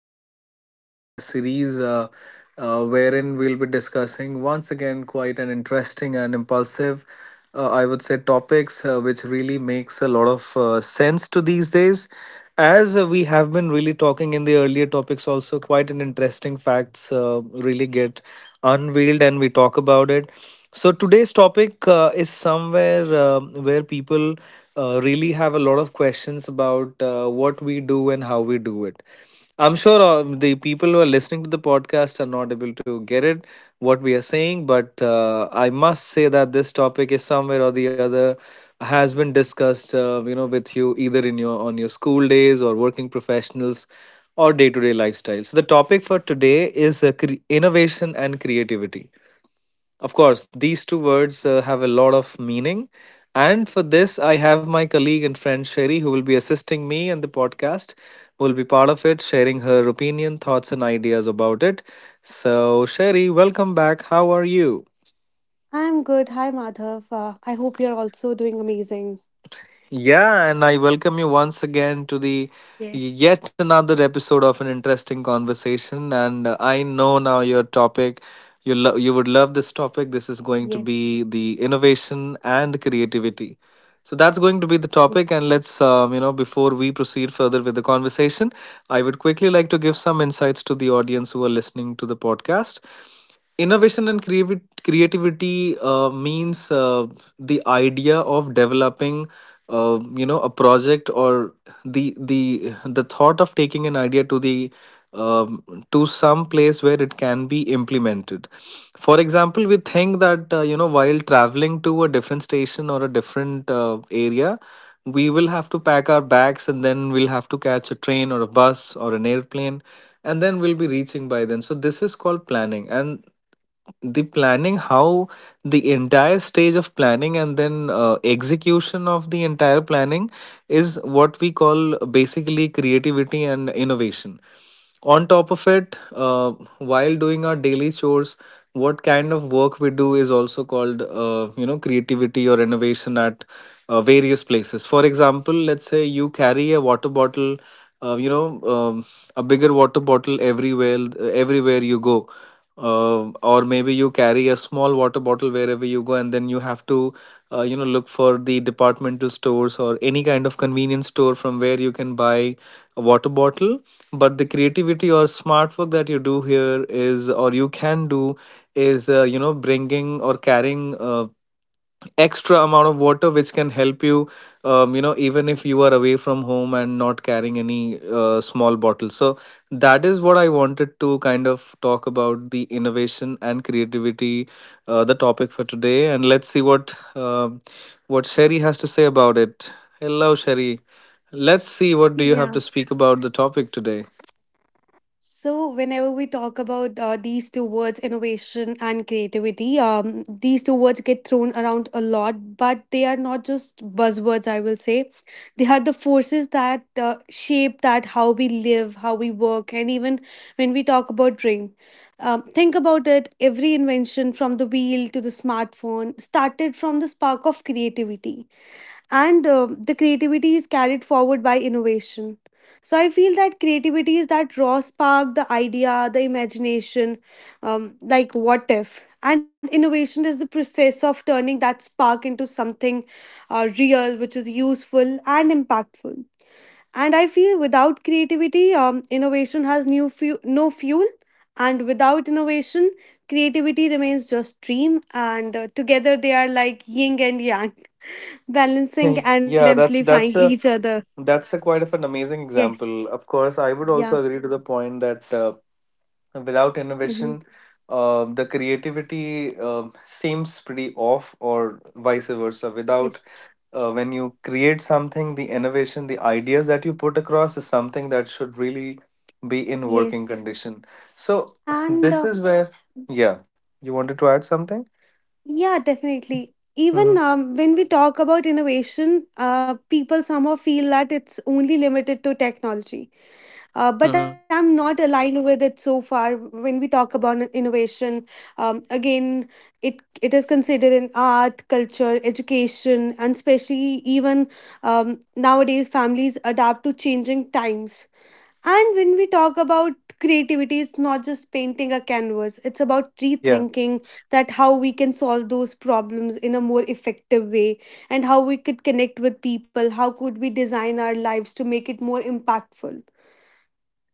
yet another podcast series wherein we'll be discussing once again quite an interesting and impulsive, I would say, topics which really makes a lot of sense to these days. As we have been really talking in the earlier topics, also quite an interesting facts really get unveiled and we talk about it. So today's topic is somewhere where people really have a lot of questions about what we do and how we do it. I'm sure the people who are listening to the podcast are not able to get it what we are saying, but I must say that this topic is somewhere or the other has been discussed, with you either in your on your school days or working professionals or day to day lifestyle. So, the topic for today is innovation and creativity. Of course, these two words have a lot of meaning. And for this, I have my colleague and friend Sherry, who will be assisting me in the podcast, who will be part of it, sharing her opinion, thoughts, and ideas about it. So, Sherry, welcome back. How are you? I'm good. Hi, Madhav. I hope you're also doing amazing. Yeah, and I welcome you once again to the Yes, yet another episode of an interesting conversation. And I know now your topic, you would love this topic. This is going yes, to be the innovation and creativity. So that's going to be the yes. topic. And let's before we proceed further with the conversation, I would quickly like to give some insights to the audience who are listening to the podcast. Innovation and creativity means the idea of developing, a project or the thought of taking an idea to the um, to some place where it can be implemented. For example, we think that while traveling to a different station or a different area, we will have to pack our bags and then we'll have to catch a train or a bus or an airplane and then we'll be reaching by then. So this is called planning. And the planning, how the entire stage of planning and then execution of the entire planning is what we call basically creativity and innovation. On top of it, while doing our daily chores, what kind of work we do is also called, creativity or innovation at various places. For example, let's say you carry a water bottle, uh, you know, um, a bigger water bottle everywhere you go. Or maybe you carry a small water bottle wherever you go, and then you have to, look for the departmental stores or any kind of convenience store from where you can buy a water bottle. But the creativity or smart work that you do here is, or you can do, is bringing or carrying extra amount of water which can help you, you know even if you are away from home and not carrying any small bottle. So that is what I wanted to kind of talk about, the innovation and creativity, the topic for today. And let's see what Sherry has to say about it. Hello, Sherry. Let's see what do you have Yeah. to speak about the topic today. So, whenever we talk about these two words, innovation and creativity, these two words get thrown around a lot, but they are not just buzzwords, I will say. They are the forces that shape that how we live, how we work, and even when we talk about dream. Think about it, every invention from the wheel to the smartphone started from the spark of creativity, and the creativity is carried forward by innovation. So I feel that creativity is that raw spark, the idea, the imagination, like what if, and innovation is the process of turning that spark into something real, which is useful and impactful. And I feel without creativity, innovation has no fuel, and without innovation creativity remains just dream. And together they are like yin and yang, balancing and Yeah, that's amplifying that's a each other. that's a quite of an amazing Yes. example. Of course, I would also Yeah. agree to the point that without innovation, Mm-hmm. The creativity seems pretty off, or vice versa. Without Yes. When you create something, the innovation, the ideas that you put across is something that should really be in working Yes. condition. So And this is where, yeah, you wanted to add something. yeah, definitely. Mm-hmm. Even when we talk about innovation, people somehow feel that it's only limited to technology. Mm-hmm. But I'm not aligned with it so far. When we talk about innovation, again, it is considered in art, culture, education, and especially even nowadays, families adapt to changing times. And when we talk about creativity, it's not just painting a canvas, it's about Yeah. rethinking that how we can solve those problems in a more effective way, and how we could connect with people, how could we design our lives to make it more impactful.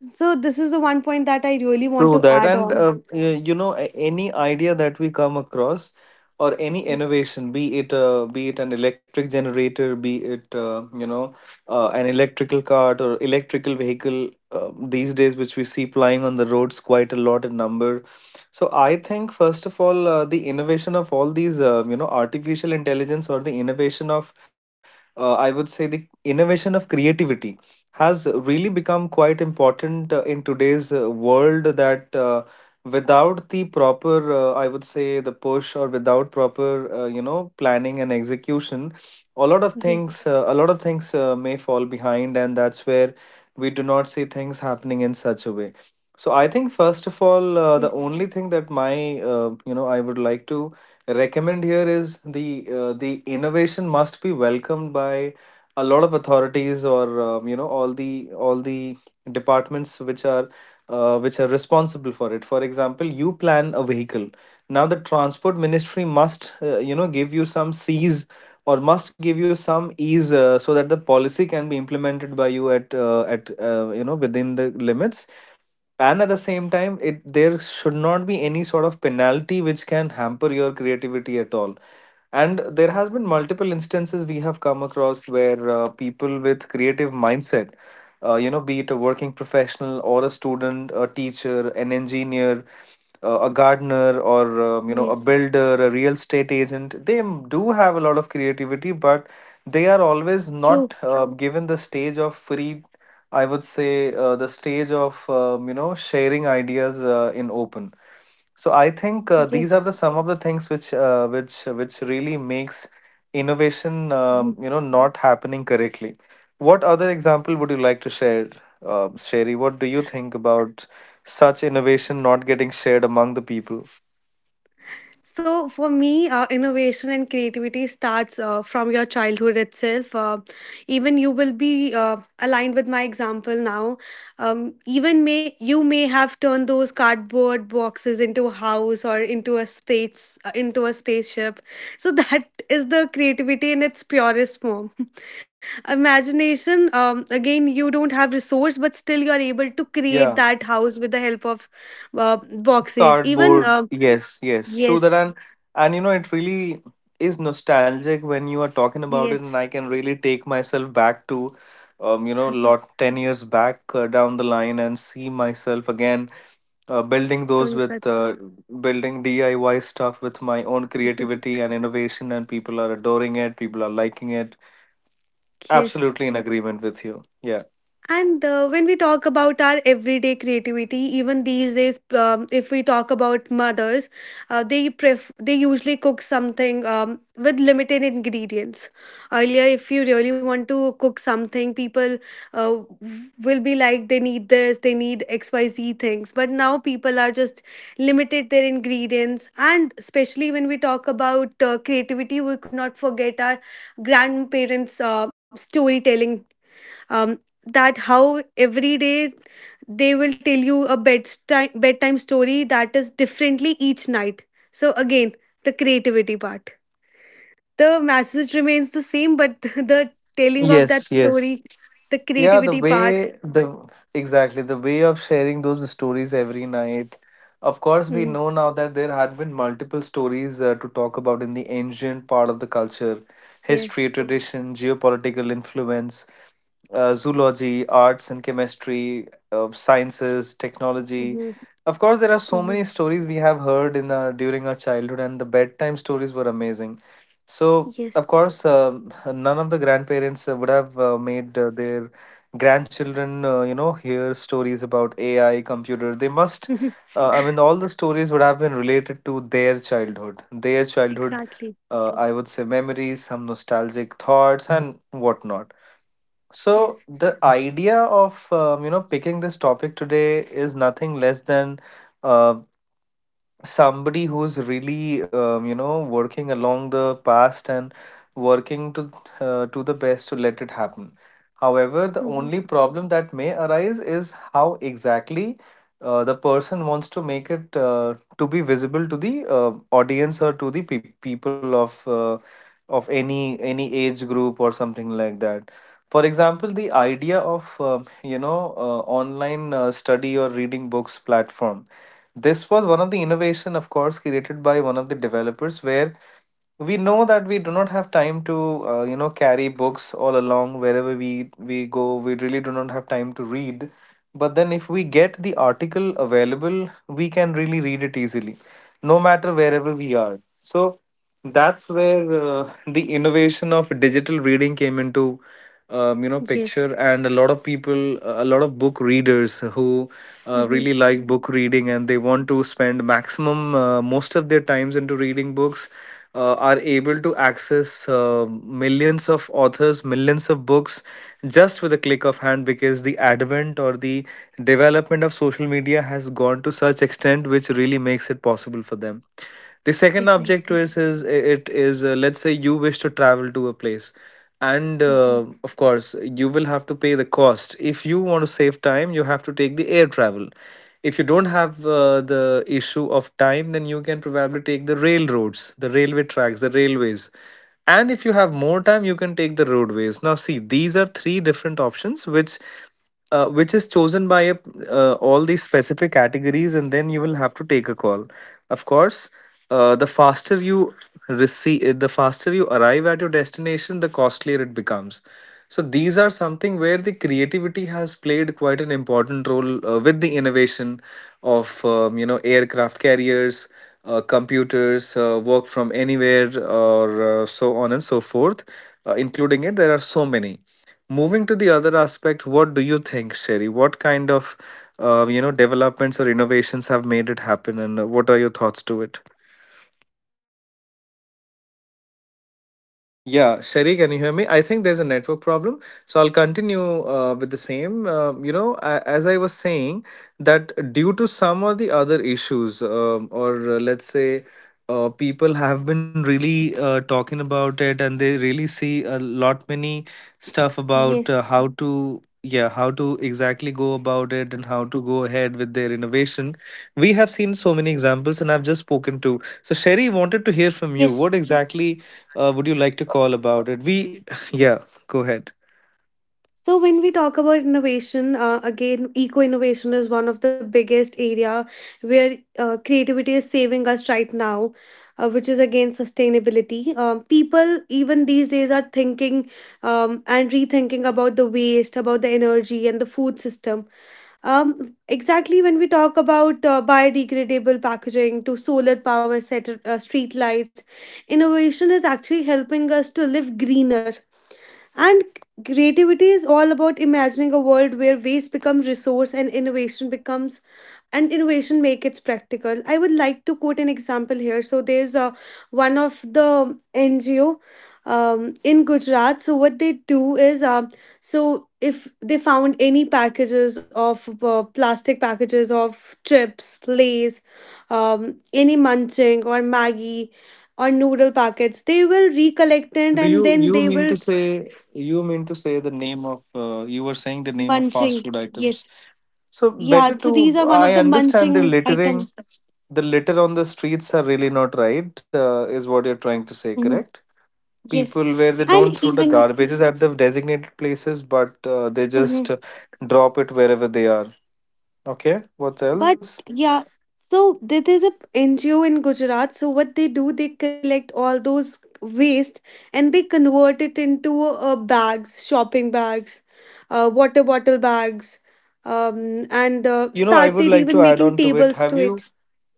So, this is the one point that I really want True to that. add And, on. You know, any idea that we come across or any Yes, innovation, be it an electric generator, be it, an electrical cart or electrical vehicle uh, these days, which we see plying on the roads quite a lot in number. So I think, first of all, the innovation of all these, artificial intelligence, or the innovation of, I would say, the innovation of creativity, has really become quite important in today's world, that without the proper I would say, the push, or without proper planning and execution, a lot of yes, things a lot of things may fall behind, and that's where we do not see things happening in such a way. So I think, first of all, the yes, only thing that my I would like to recommend here is the uh, the innovation must be welcomed by a lot of authorities or all the departments which are which are responsible for it. For example, you plan a vehicle. Now the transport ministry must give you some c's or must give you some ease, so that the policy can be implemented by you at within the limits. And at the same time, it there should not be any sort of penalty which can hamper your creativity at all. And there has been multiple instances we have come across where people with creative mindset, be it a working professional or a student, a teacher, an engineer, a gardener, or a yes. builder, a real estate agent, do have a lot of creativity, but they are always not True. Given the stage of free, I would say the stage of sharing ideas in open. So I think, these are Yes. the some of the things which really makes innovation not happening correctly. What other example would you like to share, Sherry? What do you think about such innovation not getting shared among the people? So for me, innovation and creativity starts from your childhood itself. Even you will be aligned with my example now. Even may you may have turned those cardboard boxes into a house or into a space into a spaceship. So that is the creativity in its purest form. Imagination. Again, you don't have resource, but still you are able to create Yeah. that house with the help of boxes. Even Cardboard, yes, yes, true that. yes. And you know, it really is nostalgic when you are talking about it, and Yes, I can really take myself back to, lot 10 years back down the line, and see myself again uh, building those doing with that. uh, building DIY stuff with my own creativity and innovation, and people are adoring it, people are liking it. Yes. Absolutely in agreement with you. Yeah. And when we talk about our everyday creativity, even these days, if we talk about mothers, they usually cook something with limited ingredients. Earlier, if you really want to cook something, people uh, will be like they need this, they need XYZ things. But now people are just limited their ingredients, and especially when we talk about creativity, we could not forget our grandparents' storytelling, um, that how every day they will tell you a bedtime story that is differently each night. So again, the creativity part, the message remains the same, but the telling of Yes. that Yes. story, the Yeah, the creativity way part. the exactly the way of sharing those stories every night. Of course, we know Mhm. now that there had been multiple stories to talk about in the ancient part of the culture, history, Yes. tradition, geopolitical influence, zoology, arts and chemistry, sciences, technology. Hmm. Of course, there are so Hmm. many stories we have heard during our childhood, and the bedtime stories were amazing. So, of Yes. course, none of the grandparents would have made their grandchildren hear stories about AI computer. They must Mhm. I mean, all the stories would have been related to their childhood, Exactly. I would say memories, some nostalgic thoughts and whatnot. So Yes. the idea of picking this topic today is nothing less than uh, somebody who's really working along the past, and working to the best to let it happen. However, the Hmm. only problem that may arise is how exactly the person wants to make it to be visible to the audience, or to the people of any age group or something like that. For example, the idea of online study or reading books platform, this was one of the innovation, of course, created by one of the developers, where we know that we do not have time to carry books all along wherever we go. We really do not have time to read, but then if we get the article available, we can really read it easily no matter wherever we are. So that's where the innovation of digital reading came into picture, Yes. and a lot of people, a lot of book readers who really Hmm. like book reading and they want to spend maximum most of their times into reading books are able to access millions of authors, millions of books, just with a click of hand, because the advent or the development of social media has gone to such extent which really makes it possible for them. The second object to Definitely. Is it is let's say you wish to travel to a place, and Hmm. Of course you will have to pay the cost. If you want to save time, you have to take the air travel. If you don't have the issue of time, then you can probably take the railroads, the railway tracks, the railways, and if you have more time, you can take the roadways. Now see, these are three different options which is chosen by all these specific categories, and then you will have to take a call. Of course, the faster you receive, the faster you arrive at your destination, the costlier it becomes. So these are something where the creativity has played quite an important role, with the innovation of Yes. aircraft carriers, computers, work from anywhere, or so on and so forth, including it, there are so many. Moving to the other aspect, what do you think, Sherry? What kind of developments or innovations have made it happen, and what are your thoughts to it? Again, one of the innovation I will talk about Yeah, is eco Shari, can you hear me? innovation. I think there's a network problem, so I'll Yeah. continue with the same. Can you hear As me I was now? saying, that due to some or the other issues, or let's say, people have been really talking about it, and they really see a lot many stuff about Yes. how to, yeah, how to exactly go about it and how to go ahead with their innovation. We have seen so many examples, and I've just spoken to. So, Sherry wanted to hear from you. Yes. What exactly? Would you like to call about it? We, yeah, go ahead. So when we talk about innovation, again, eco innovation is one of the biggest area where creativity is saving us right now, which is again sustainability. People even these days are thinking and rethinking about the waste, about the energy and the food system. Exactly when we talk about biodegradable packaging to solar power set, street lights, innovation is actually helping us to live greener. And creativity is all about imagining a world where waste becomes resource and innovation becomes, and innovation make it practical. I would like to quote an example here. So there's one of the NGO in Gujarat. So what they do is so if they found any packages of plastic packages of chips, lays, any munching or Maggie or noodle packets, they will recollect So it do and you then you they mean will. to say, the name of you were saying the name of fast Munching. food items. Yes. So Yeah. better So these to, are one of I the understand the munching littering, items. the litter on the streets are really not right, is what you're trying to say, Mhm. correct? Yes. People where they And don't throw the even. garbages at the designated places, but they just Mhm. Drop it wherever they are. Okay, what But else? yeah. So there is a NGO in Gujarat. So what they do, they collect all those waste and they convert it into bags, shopping bags, water bottle bags, um, and So uh, you know, I would started like to even add making on to it. tables Have to you? it.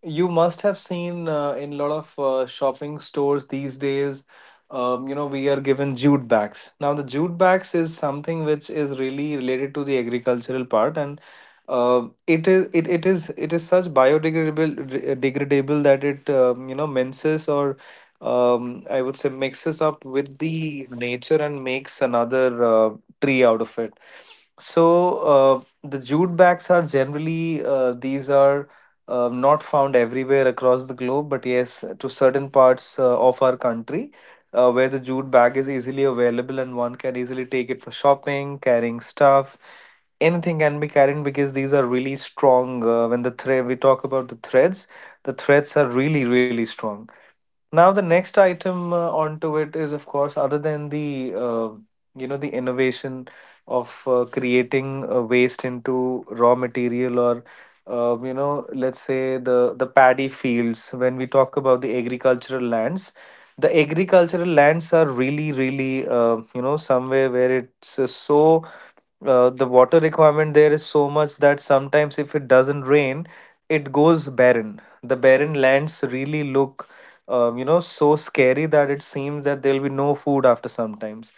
You must have seen in a lot of shopping stores these days, we are given jute bags. Now, the jute bags is something which is really related to the agricultural part, and it is such biodegradable re- degradable that it minces or I would say mixes up with the nature and makes another tree out of it. So the jute bags are generally these are not found everywhere across the globe, but yes, to certain parts of our country where the jute bag is easily available and one can easily take it for shopping, carrying stuff. Anything can be carried because these are really strong. When the thread, we talk about the threads are really really strong. Now the next item onto it is, of course, other than the the innovation of creating waste into raw material, or let's say the paddy fields. When we talk about the agricultural lands are really really somewhere where it's so the water requirement there is so much that sometimes if it doesn't rain, it goes barren. The barren lands really look so scary that it seems that there'll be no food after sometimes,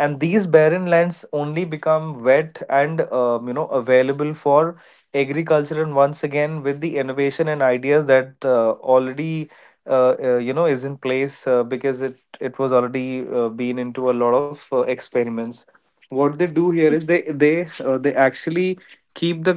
and these barren lands only become wet and available for agriculture. And once again, with the innovation and ideas that already is in place, because it was already been into a lot of experiments, what they do here is Yes. They actually keep the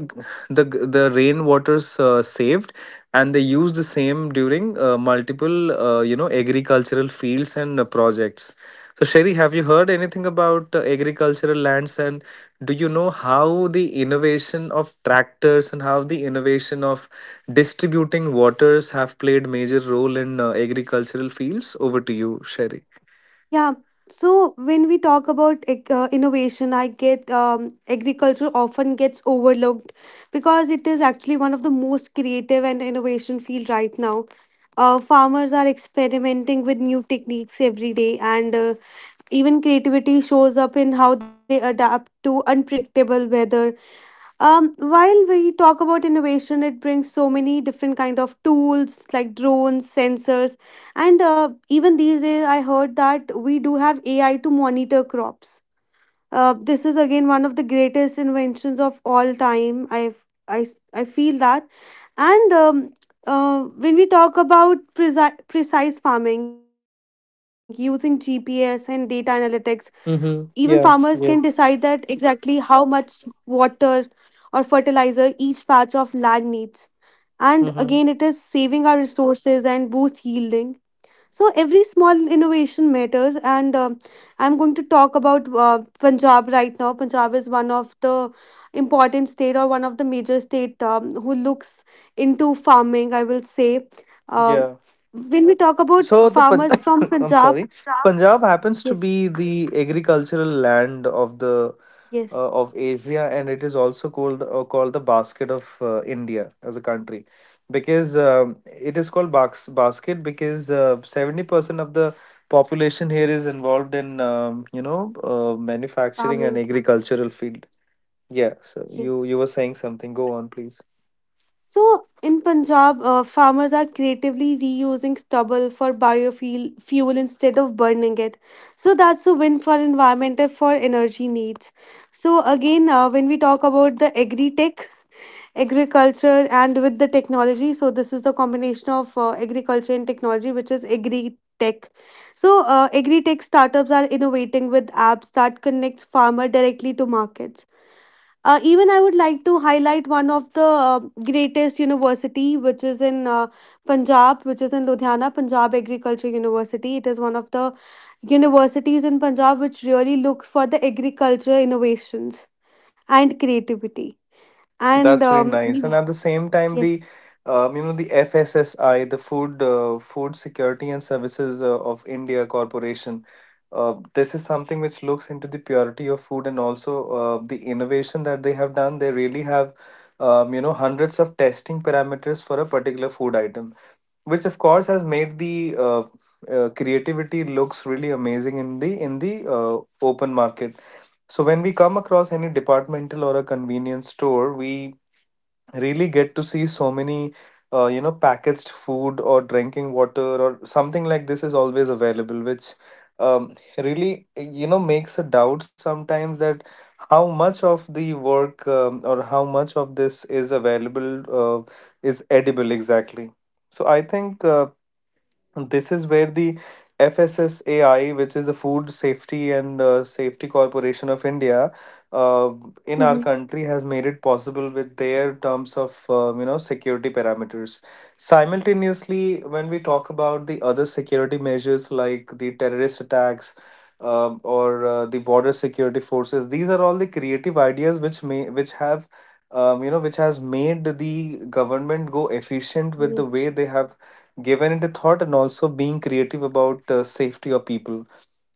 the the rainwaters saved, and they use the same during multiple agricultural fields and projects. So, Sherry, have you heard anything about agricultural lands, and do you know how the innovation of tractors and how the innovation of distributing waters have played major role in agricultural fields? Over to you, Sherry. Yeah. So when we talk about innovation, I get agriculture often gets overlooked because it is actually one of the most creative and innovation field right now. Farmers are experimenting with new techniques every day, and even creativity shows up in how they adapt to unpredictable weather. While we talk about innovation, it brings so many different kind of tools like drones, sensors, and even these days I heard that we do have AI to monitor crops. This is again one of the greatest inventions of all time. I I feel that. And when we talk about precise farming using GPS and data analytics, even farmers can Mm-hmm. decide Yeah. that Yeah. exactly how much water or fertilizer each patch of land needs. And again, it is Mm-hmm. saving our resources and boost yielding. So every small innovation matters, and um, I'm going to talk about Punjab right now. Punjab is one of the important state or one of the major state who looks into farming. I will say, um, Yeah. when we talk about So the Pan- farmers from I'm Punjab, sorry, Punjab happens to yes, be the agricultural land of the yes, of Asia, and it is also called called the basket of India as a country, because it is called box basket because 70% of the population here is involved in manufacturing and farming. agricultural field. Yeah. So you Yes. were saying something. Go on, please. So in Punjab, farmers are creatively reusing stubble for biofuel fuel instead of burning it. So that's a win for environment and for energy needs. So again, when we talk about the agri-tech, agriculture and with the technology, so this is the combination of agriculture and technology, which is agri-tech. So agri-tech startups are innovating with apps that connects farmer directly to markets. Even I would like to highlight one of the greatest university, which is in Punjab, which is in Ludhiana, Punjab Agriculture University. It is one of the universities in Punjab which really looks for the agriculture innovations and creativity. And That's really nice. And mhm. at the same time, the Yes. The FSSI, the Food Food Security and Services of India Corporation. This is something which looks into the purity of food and also the innovation that they have done. They really have hundreds of testing parameters for a particular food item, which of course has made the creativity looks really amazing in the in the open market. So when we come across any departmental or a convenience store, we really get to see so many packaged food or drinking water or something like this is always available, which really you know makes a doubt sometimes that how much of the work, or how much of this is available, uh, is edible exactly. So I think this is where the FSSAI, which is the Food Safety and Safety Corporation of India, uh, Hmm. in our country has made it possible with their terms of security parameters. Simultaneously, when we talk about the other security measures like the terrorist attacks, or the border security forces, these are all the creative ideas which may which have which has made the government go efficient with the Yes, way they have given it a thought and also being creative about safety of people.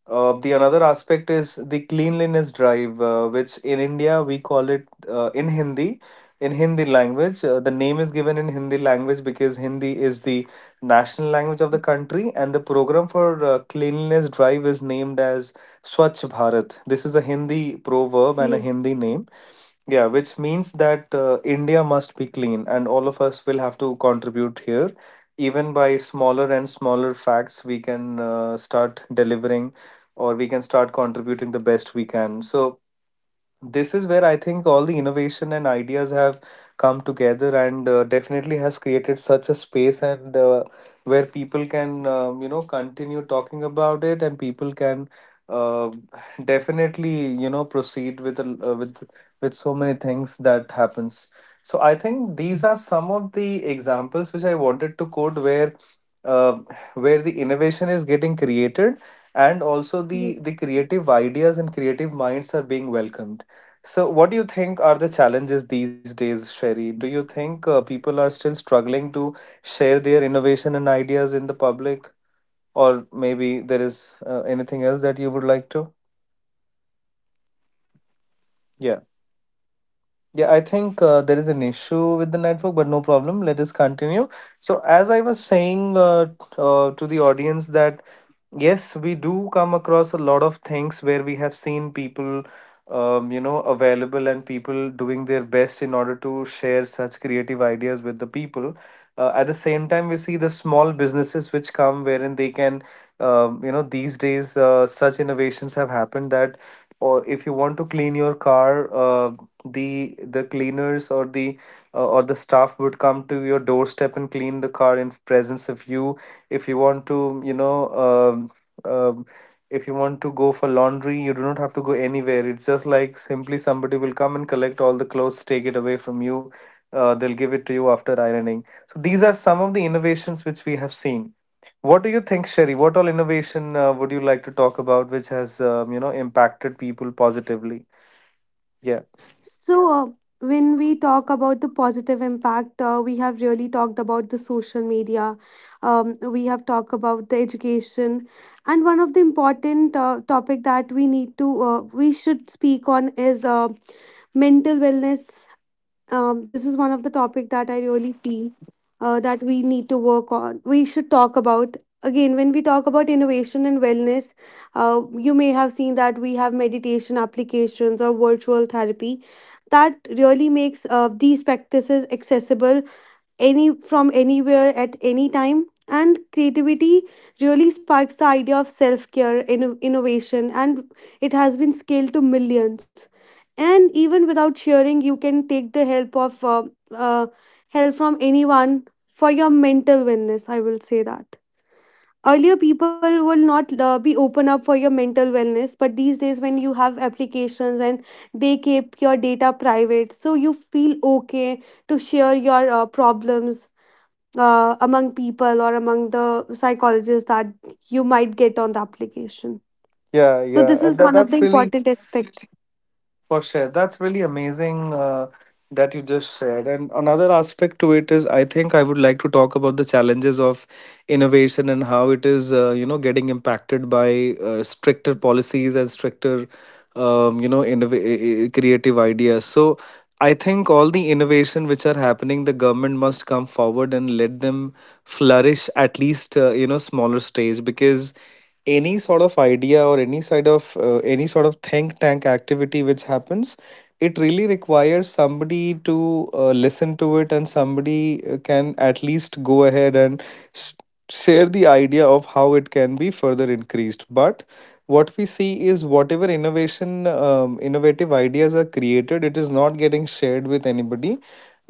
Uh, the another aspect is the cleanliness drive, which in India we call it in Hindi. In Hindi language, the name is given in Hindi language because Hindi is the national language of the country, and the program for cleanliness drive is named as Swachh Bharat. This is a Hindi proverb and a Hindi name. Yeah, which means that India must be clean, and all of us will have to contribute here. Even by smaller and smaller facts, we can start delivering, or we can start contributing the best we can. So this is where I think all the innovation and ideas have come together and definitely has created such a space, and where people can continue talking about it, and people can uh, definitely you know proceed with with so many things that happens. So I think these are some of the examples which I wanted to quote uh, where the innovation is getting created, and also the yes. the creative ideas and creative minds are being welcomed. So what do you think are the challenges these days, Sherry? Do you think people are still struggling to share their innovation and ideas in the public, or maybe there is anything else that you would like to. Yeah. Yeah, I think there is an issue with the network, but no problem, let us continue. So as I was saying, to the audience that yes, we do come across a lot of things where we have seen people, available and people doing their best in order to share such creative ideas with the people. At the same time, we see the small businesses which come wherein they can, these days such innovations have happened that, or if you want to clean your car, the cleaners or the staff would come to your doorstep and clean the car in presence of you. If you want to you know um, um, if you want to go for laundry, you do not have to go anywhere, it's just like simply somebody will come and collect all the clothes, take it away from you. Uh, they'll give it to you after ironing. So these are some of the innovations which we have seen. What do you think, Sherry? What all innovation would you like to talk about which has impacted people positively? Yeah. So, when we talk about the positive impact, we have really talked about the social media. We have talked about the education, and one of the important topic that we need to we should speak on is mental wellness. This is one of the topic that I really feel that we need to work on. We should talk about again when we talk about innovation and wellness. You may have seen that we have meditation applications or virtual therapy that really makes these practices accessible any from anywhere at any time, and creativity really sparks the idea of self-care innovation, and it has been scaled to millions. And even without sharing you can take the help of uh, help from anyone for your mental wellness. I will say that earlier people will not be open up for your mental wellness, but these days when you have applications and they keep your data private, so you feel okay to share your problems among people or among the psychologists that you might get on the application. Yeah. So this Yeah, is and that, one of the that's really important aspect. for sure. That's really amazing, that you just shared. And another aspect to it is I think I would like to talk about the challenges of innovation and how it is, getting impacted by stricter policies and stricter creative ideas. So I think all the innovation which are happening, the government must come forward and let them flourish at least smaller stage, because any sort of idea or any side of any sort of think tank activity which happens, it really requires somebody to listen to it, and somebody can at least go ahead and share the idea of how it can be further increased. But what we see is whatever innovation, innovative ideas are created, it is not getting shared with anybody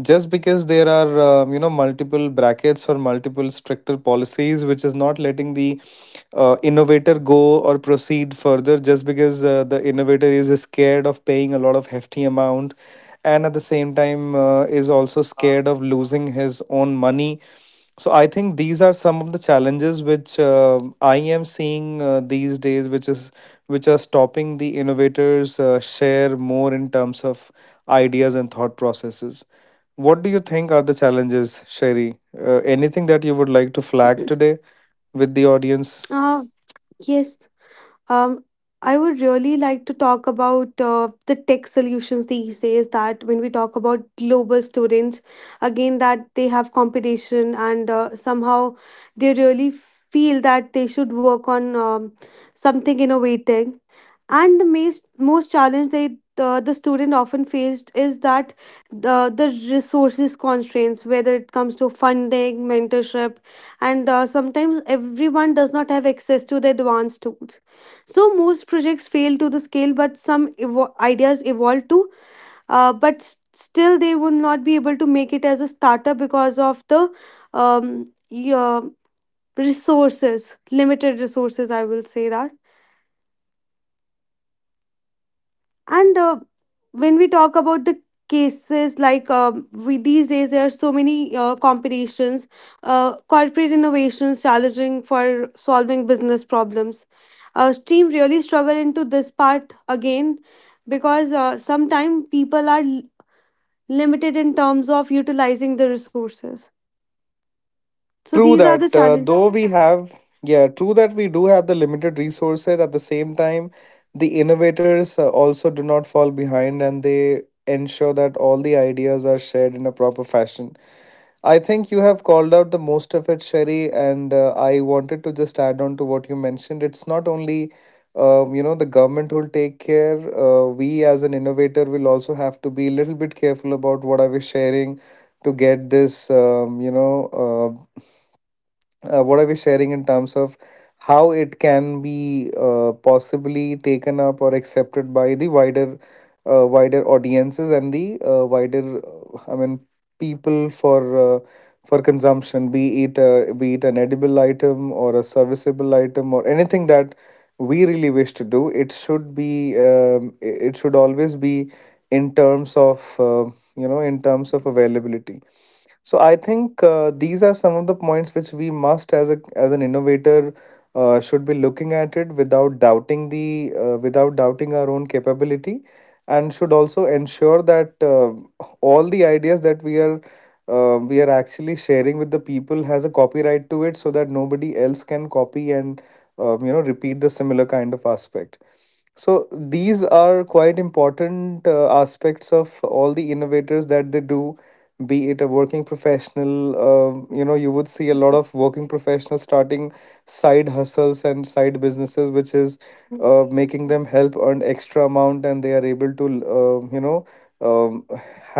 just because there are multiple brackets or multiple stricter policies which is not letting the innovator go or proceed further, just because the innovator is scared of paying a lot of hefty amount, and at the same time is also scared of losing his own money. So I think these are some of the challenges which I am seeing these days, which are stopping the innovators share more in terms of ideas and thought processes. What do you think are the challenges, Sherry? Anything that you would like to flag today with the audience? Ah, yes. Um, I would really like to talk about the tech solutions these days. That when we talk about global students, again, that they have competition and somehow they really feel that they should work on something innovating. And the most challenge the student often faced is that the resources constraints, whether it comes to funding, mentorship, and sometimes everyone does not have access to the advanced tools, so most projects fail to the scale, but ideas evolve to. But still, they would not be able to make it as a startup because of the your resources, limited resources. I will say that. And when we talk about the cases, like we these days, there are so many competitions, corporate innovations challenging for solving business problems. Team really struggle into this part again because sometimes people are limited in terms of utilizing the resources. So True these are the that, challenges. Yeah, true that we do have the limited resources. At the same time, the innovators also do not fall behind, and they ensure that all the ideas are shared in a proper fashion. I think you have called out the most of it, Sherry, and I wanted to just add on to what you mentioned. It's not only, the government will take care. We as an innovator will also have to be a little bit careful about what are we sharing to get this, uh, what are we sharing in terms of how it can be possibly taken up or accepted by the wider wider audiences, and the wider , I mean people uh, for consumption, be it an edible item or a serviceable item, or anything that we really wish to do. It should be it should always be in terms of in terms of availability. So I think these are some of the points which we must, as an innovator, should be looking at it, without doubting the without doubting our own capability, and should also ensure that all the ideas that we are actually sharing with the people has a copyright to it, so that nobody else can copy and repeat the similar kind of aspect. So these are quite important aspects of all the innovators that they do, be it a working professional. You know, you would see a lot of working professionals starting side hustles and side businesses, which is making them help earn extra amount, and they are able to, uh, you know, um,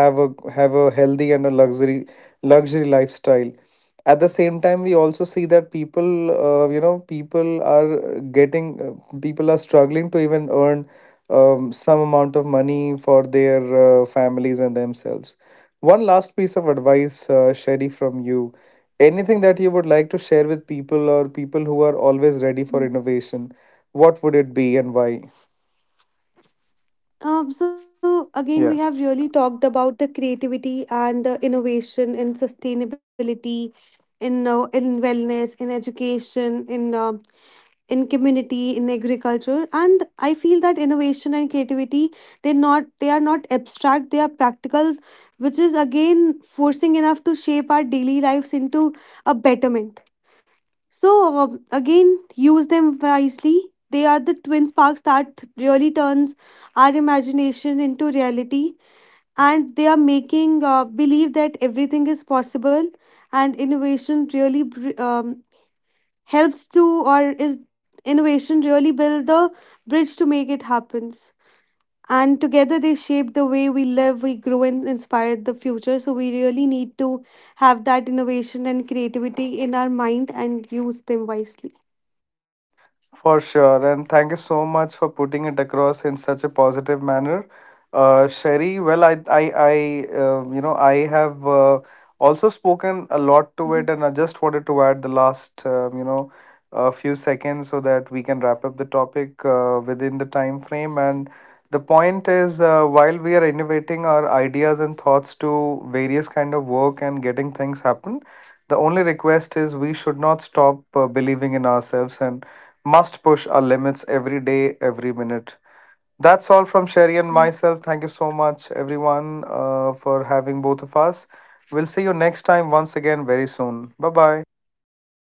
have a healthy and a luxury lifestyle. At the same time we also see that people you know people are getting people are struggling to even earn some amount of money for their families and themselves. One last piece of advice, Sherry, from you. Anything that you would like to share with people, or people who are always ready for Mm. innovation? What would it be, and why? So again, Yeah. we have really talked about the creativity and innovation in sustainability, in wellness, in education, in community, in agriculture, and I feel that innovation and creativity, they are not abstract; they are practical, which is again forcing enough to shape our daily lives into a betterment. So again, use them wisely. They are the twin sparks that really turns our imagination into reality, and they are making believe that everything is possible, and innovation really helps to or is innovation really build the bridge to make it happens. And together they shape the way we live, we grow, and inspire the future. So we really need to have that innovation and creativity in our mind and use them wisely. For sure, and thank you so much for putting it across in such a positive manner, Sherry. Well, I have also spoken a Mm-hmm. lot to it, and I just wanted to add the last, a few seconds so that we can wrap up the topic within the time frame. And the point is, while we are innovating our ideas and thoughts to various kind of work and getting things happen, the only request is we should not stop believing in ourselves, and must push our limits every day, every minute. That's all from Sherry and Yes. myself. Thank you so much, everyone, for having both of us. We'll see you next time once again very soon. Bye bye.